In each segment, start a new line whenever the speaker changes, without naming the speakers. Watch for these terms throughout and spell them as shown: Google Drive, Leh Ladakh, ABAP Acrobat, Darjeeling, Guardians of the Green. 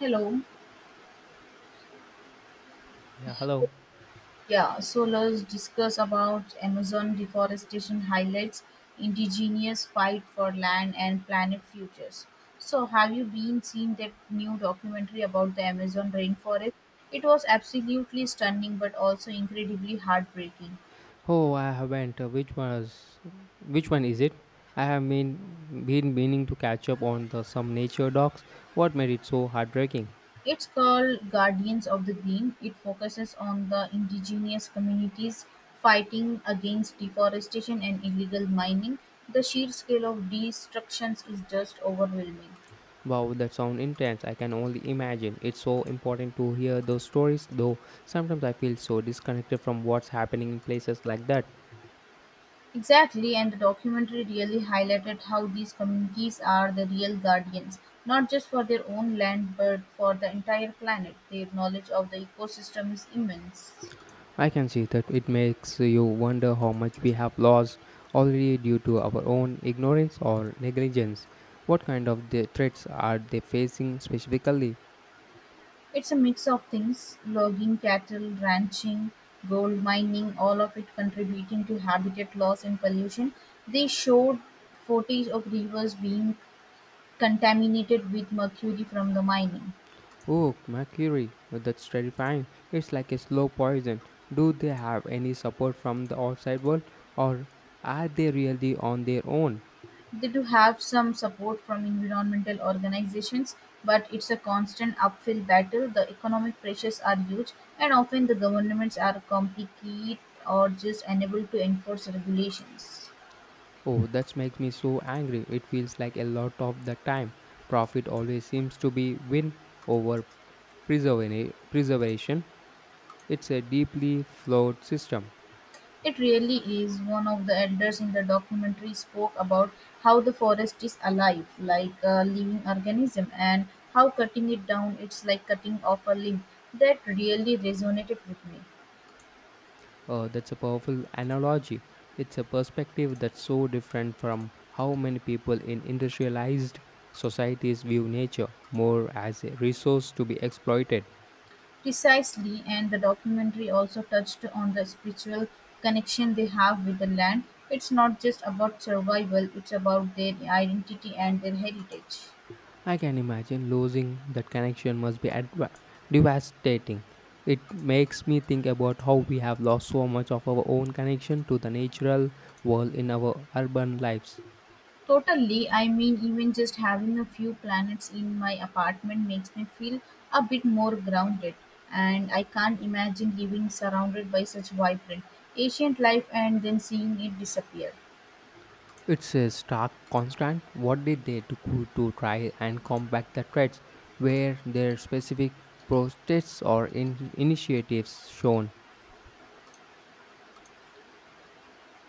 Hello.
Yeah, hello.
Yeah, so let's discuss about Amazon deforestation highlights indigenous fight for land and planet futures. So have you been seeing that new documentary about the Amazon rainforest? It was absolutely stunning but also incredibly heartbreaking.
Oh, I haven't. Which one is it? I have been meaning to catch up on the some nature docs. What made it so heartbreaking?
It's called Guardians of the Green. It focuses on the indigenous communities fighting against deforestation and illegal mining. The sheer scale of destructions is just overwhelming.
Wow, that sound intense. I can only imagine. It's so important to hear those stories, though sometimes I feel so disconnected from what's happening in places like that.
Exactly, and the documentary really highlighted how these communities are the real guardians, not just for their own land but for the entire planet. Their knowledge of the ecosystem is immense.
I can see that it makes you wonder how much we have lost already due to our own ignorance or negligence. What kind of the threats are they facing specifically?
It's a mix of things: logging, cattle, ranching, gold mining, all of it contributing to habitat loss and pollution. They showed footage of rivers being contaminated with mercury from the mining.
Oh, mercury. Oh, that's terrifying. It's like a slow poison. Do they have any support from the outside world, or are they really on their own?
They do have some support from environmental organizations, but it's a constant uphill battle. The economic pressures are huge, and often the governments are complicit or just unable to enforce regulations.
Oh, that makes me so angry. It feels like a lot of the time. Profit always seems to be win over preservation. It's a deeply flawed system.
It really is. One of the elders in the documentary spoke about how the forest is alive, like a living organism, and how cutting it down it's like cutting off a limb. That really resonated with me.
Oh, that's a powerful analogy. It's a perspective that's so different from how many people in industrialized societies view nature more as a resource to be exploited.
Precisely, and the documentary also touched on the spiritual connection they have with the land. It's not just about survival, it's about their identity and their heritage.
I can imagine losing that connection must be devastating. It makes me think about how we have lost so much of our own connection to the natural world in our urban lives.
Totally, I mean, even just having a few planets in my apartment makes me feel a bit more grounded, and I can't imagine living surrounded by such vibrant, ancient life and then seeing it disappear.
It's a stark constant. What did they do to try and combat the threats? Were there specific protests or initiatives shown?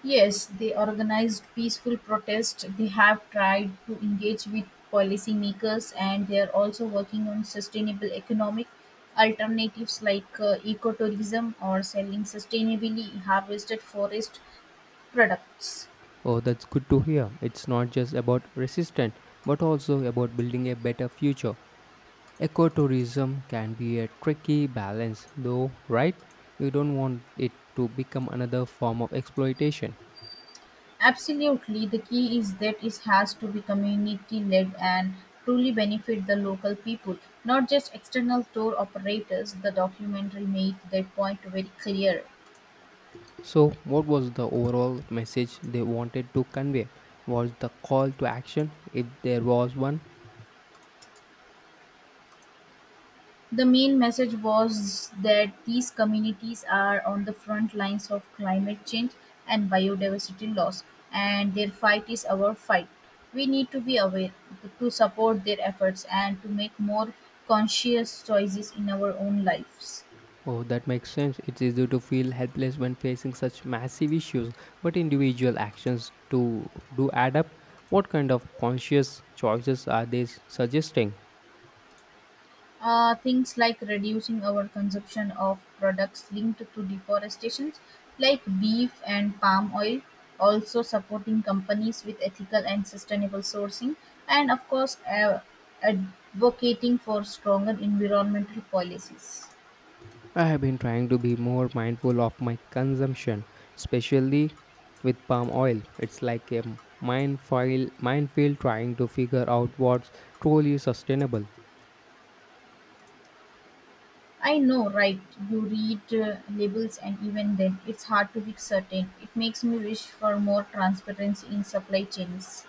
Yes, they organized peaceful protests. They have tried to engage with policymakers, and they are also working on sustainable economic alternatives like ecotourism or selling sustainably harvested forest products.
Oh, that's good to hear. It's not just about resistance, but also about building a better future. Ecotourism can be a tricky balance, though, right? You don't want it to become another form of exploitation.
Absolutely, the key is that it has to be community led and truly benefit the local people, not just external tour operators. The documentary made that point very clear.
So, what was the overall message they wanted to convey? Was the call to action, if there was one?
The main message was that these communities are on the front lines of climate change and biodiversity loss, and their fight is our fight. We need to be aware, to support their efforts, and to make more conscious choices in our own lives.
Oh, that makes sense. It's easy to feel helpless when facing such massive issues, but individual actions to do add up. What kind of conscious choices are they suggesting?
Things like reducing our consumption of products linked to deforestation, like beef and palm oil, also supporting companies with ethical and sustainable sourcing, and of course, advocating for stronger environmental policies.
I have been trying to be more mindful of my consumption, especially with palm oil. It's like a minefield trying to figure out what's truly sustainable.
I know, right? You read labels, and even then, it's hard to be certain. It makes me wish for more transparency in supply chains.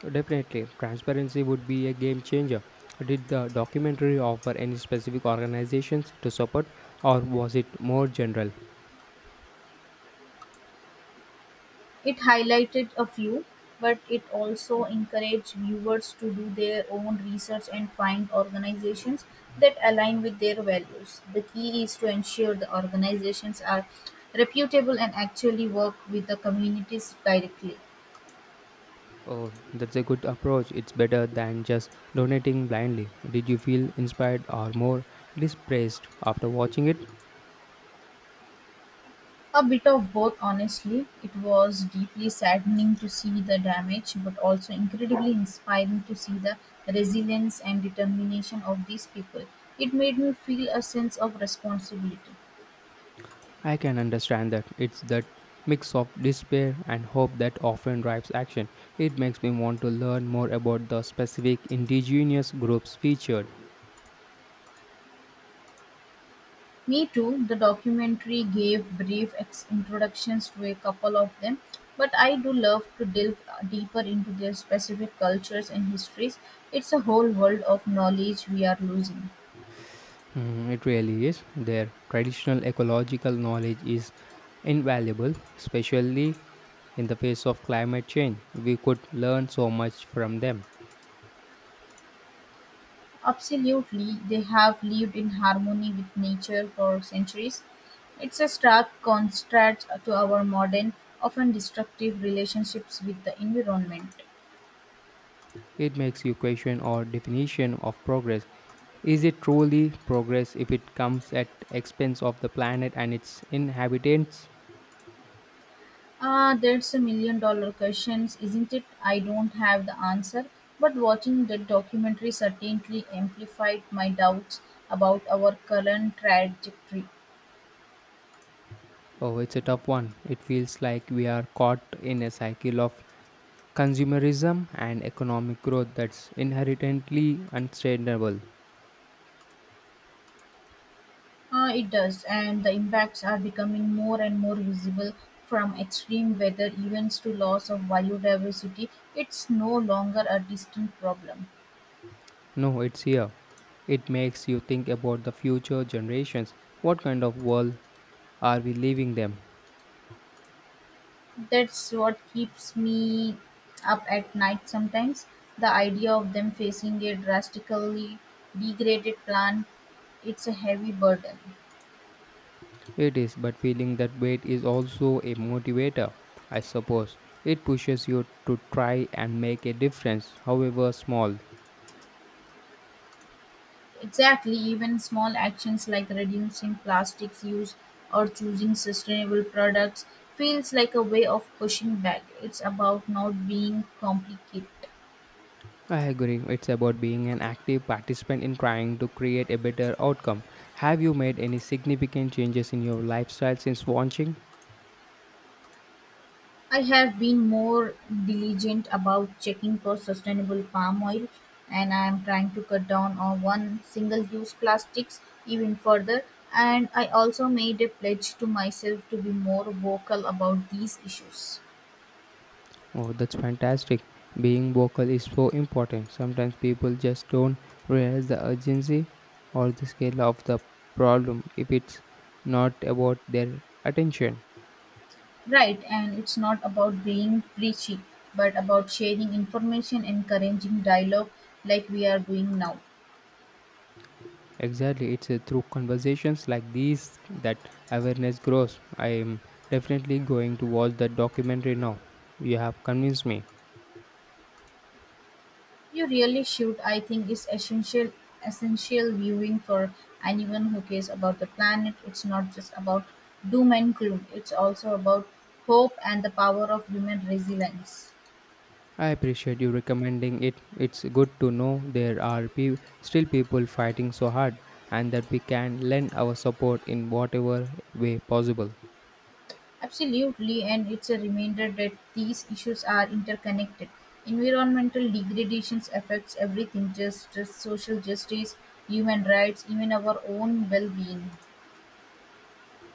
Definitely, transparency would be a game changer. Did the documentary offer any specific organizations to support, or was it more general?
It highlighted a few, but it also encouraged viewers to do their own research and find organizations that align with their values. The key is to ensure the organizations are reputable and actually work with the communities directly.
Oh, that's a good approach. It's better than just donating blindly. Did you feel inspired or more displaced after watching it?
A bit of both, honestly. It was deeply saddening to see the damage, but also incredibly inspiring to see the resilience and determination of these people. It made me feel a sense of responsibility.
I can understand that. It's that mix of despair and hope that often drives action. It makes me want to learn more about the specific indigenous groups featured.
Me too. The documentary gave brief introductions to a couple of them, but I do love to delve deeper into their specific cultures and histories. It's a whole world of knowledge we are losing.
Mm, it really is. Their traditional ecological knowledge is invaluable, especially in the face of climate change. We could learn so much from them.
Absolutely, they have lived in harmony with nature for centuries. It's a stark contrast to our modern, often destructive relationships with the environment.
It makes you question our definition of progress. Is it truly progress if it comes at expense of the planet and its inhabitants?
Ah, that's a million dollar question, isn't it? I don't have the answer, but watching that documentary certainly amplified my doubts about our current trajectory.
Oh, it's a tough one. It feels like we are caught in a cycle of consumerism and economic growth that's inherently unsustainable.
Ah, it does, and the impacts are becoming more and more visible, from extreme weather events to loss of biodiversity. It's no longer a distant problem.
No, it's here. It makes you think about the future generations. What kind of world are we leaving them?
That's what keeps me up at night sometimes. The idea of them facing a drastically degraded plant, it's a heavy burden.
It is, but feeling that weight is also a motivator, I suppose. It pushes you to try and make a difference, however small.
Exactly, even small actions like reducing plastics use or choosing sustainable products feels like a way of pushing back. It's about not being complicated.
I agree, it's about being an active participant in trying to create a better outcome. Have you made any significant changes in your lifestyle since launching?
I have been more diligent about checking for sustainable palm oil, and I am trying to cut down on one single use plastics even further, and I also made a pledge to myself to be more vocal about these issues.
Oh, that's fantastic. Being vocal is so important. Sometimes people just don't realize the urgency or the scale of the problem if it's not about their attention.
Right, and it's not about being preachy but about sharing information, encouraging dialogue like we are doing now.
Exactly, it's through conversations like these that awareness grows. I am definitely going to watch that documentary now. You have convinced me.
You really should. I think it's essential, essential viewing for anyone who cares about the planet. It's not just about doom and gloom. It's also about hope and the power of human resilience.
I appreciate you recommending it. It's good to know there are still people fighting so hard and that we can lend our support in whatever way possible.
Absolutely, and it's a reminder that these issues are interconnected. Environmental degradations affects everything, just social justice, human rights, even our own well-being.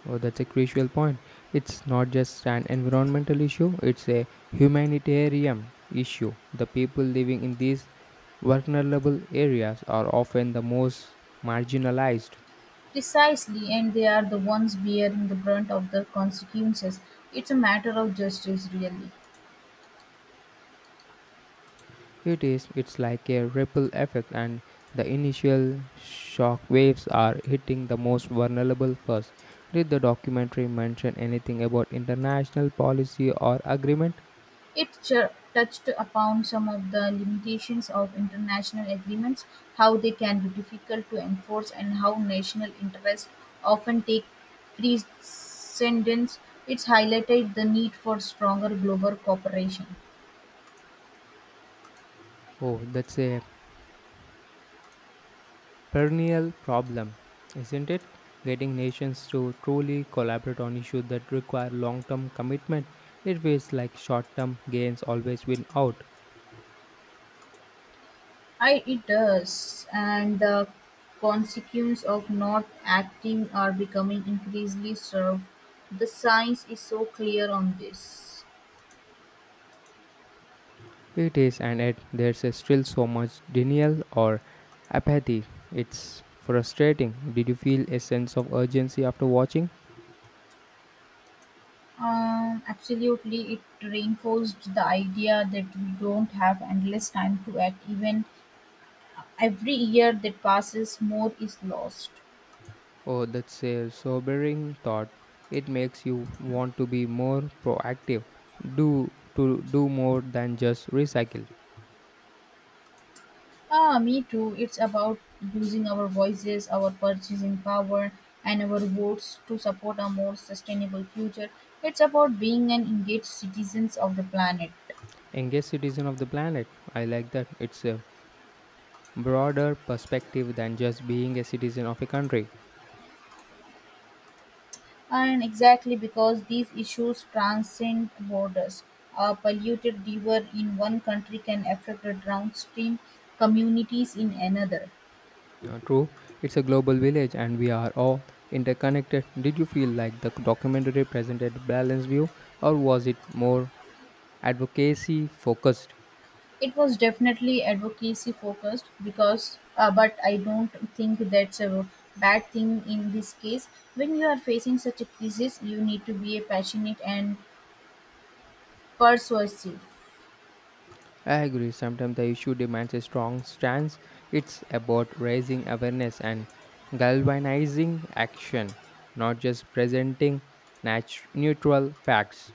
Oh, that's a crucial point. It's not just an environmental issue, it's a humanitarian issue. The people living in these vulnerable areas are often the most marginalized.
Precisely, and they are the ones bearing the brunt of the consequences. It's a matter of justice, really.
It is, it's like a ripple effect, and the initial shock waves are hitting the most vulnerable first. Did the documentary mention anything about international policy or agreement?
It touched upon some of the limitations of international agreements, how they can be difficult to enforce, and how national interests often take precedence. It's highlighted the need for stronger global cooperation.
Oh, that's a perennial problem, isn't it? Getting nations to truly collaborate on issues that require long term commitment. It feels like short term gains always win out.
I it does, and the consequence of not acting are becoming increasingly served. The science is so clear on this.
It is, and yet there's a still so much denial or apathy. It's frustrating. Did you feel a sense of urgency after watching?
Absolutely, it reinforced the idea that we don't have endless time to act. Even every year that passes, more is lost.
Oh, that's a sobering thought. It makes you want to be more proactive, do to do more than just recycle.
Ah, me too. It's about using our voices, our purchasing power, and our votes to support a more sustainable future. It's about being an engaged citizens of the planet.
Engaged citizen of the planet. I like that. It's a broader perspective than just being a citizen of a country.
And exactly because these issues transcend borders, a polluted river in one country can affect the downstream communities in another.
True, it's a global village and we are all interconnected. Did you feel like the documentary presented a balanced view or was it more advocacy focused?
It was definitely advocacy focused because but I don't think that's a bad thing in this case. When you are facing such a crisis, you need to be passionate and persuasive.
I agree, sometimes the issue demands a strong stance. It's about raising awareness and galvanizing action, not just presenting neutral facts.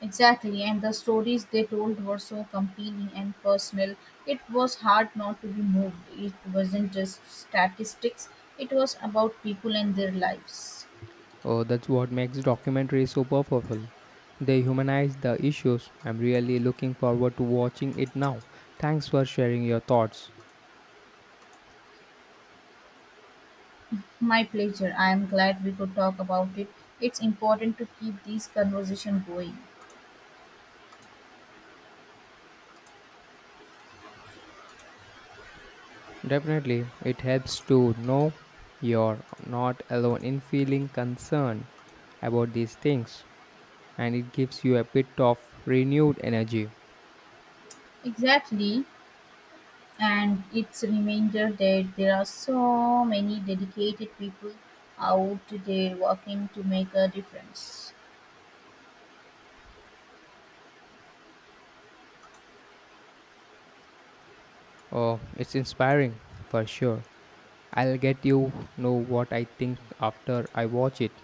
Exactly, and the stories they told were so compelling and personal. It was hard not to be moved. It wasn't just statistics, it was about people and their lives.
Oh, that's what makes documentaries so powerful. They humanize the issues. I'm really looking forward to watching it now. Thanks for sharing your thoughts.
My pleasure. I am glad we could talk about it. It's important to keep these conversation going.
Definitely, it helps to know you're not alone in feeling concerned about these things, and it gives you a bit of renewed energy.
Exactly, and it's a reminder that there are so many dedicated people out there working to make a difference.
Oh, it's inspiring for sure. I'll get what I think after I watch it.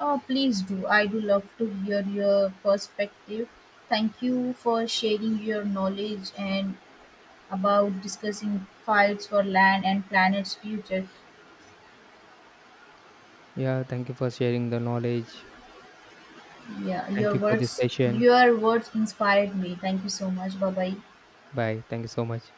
Oh, please do. I do love to hear your perspective. Thank you for sharing your knowledge and about discussing fights for land and planet's future.
Yeah, thank you for sharing the knowledge.
Yeah,
Thank
your
you for this
words
session.
your words inspired me. Thank you so much. Bye bye.
Bye. Thank you so much.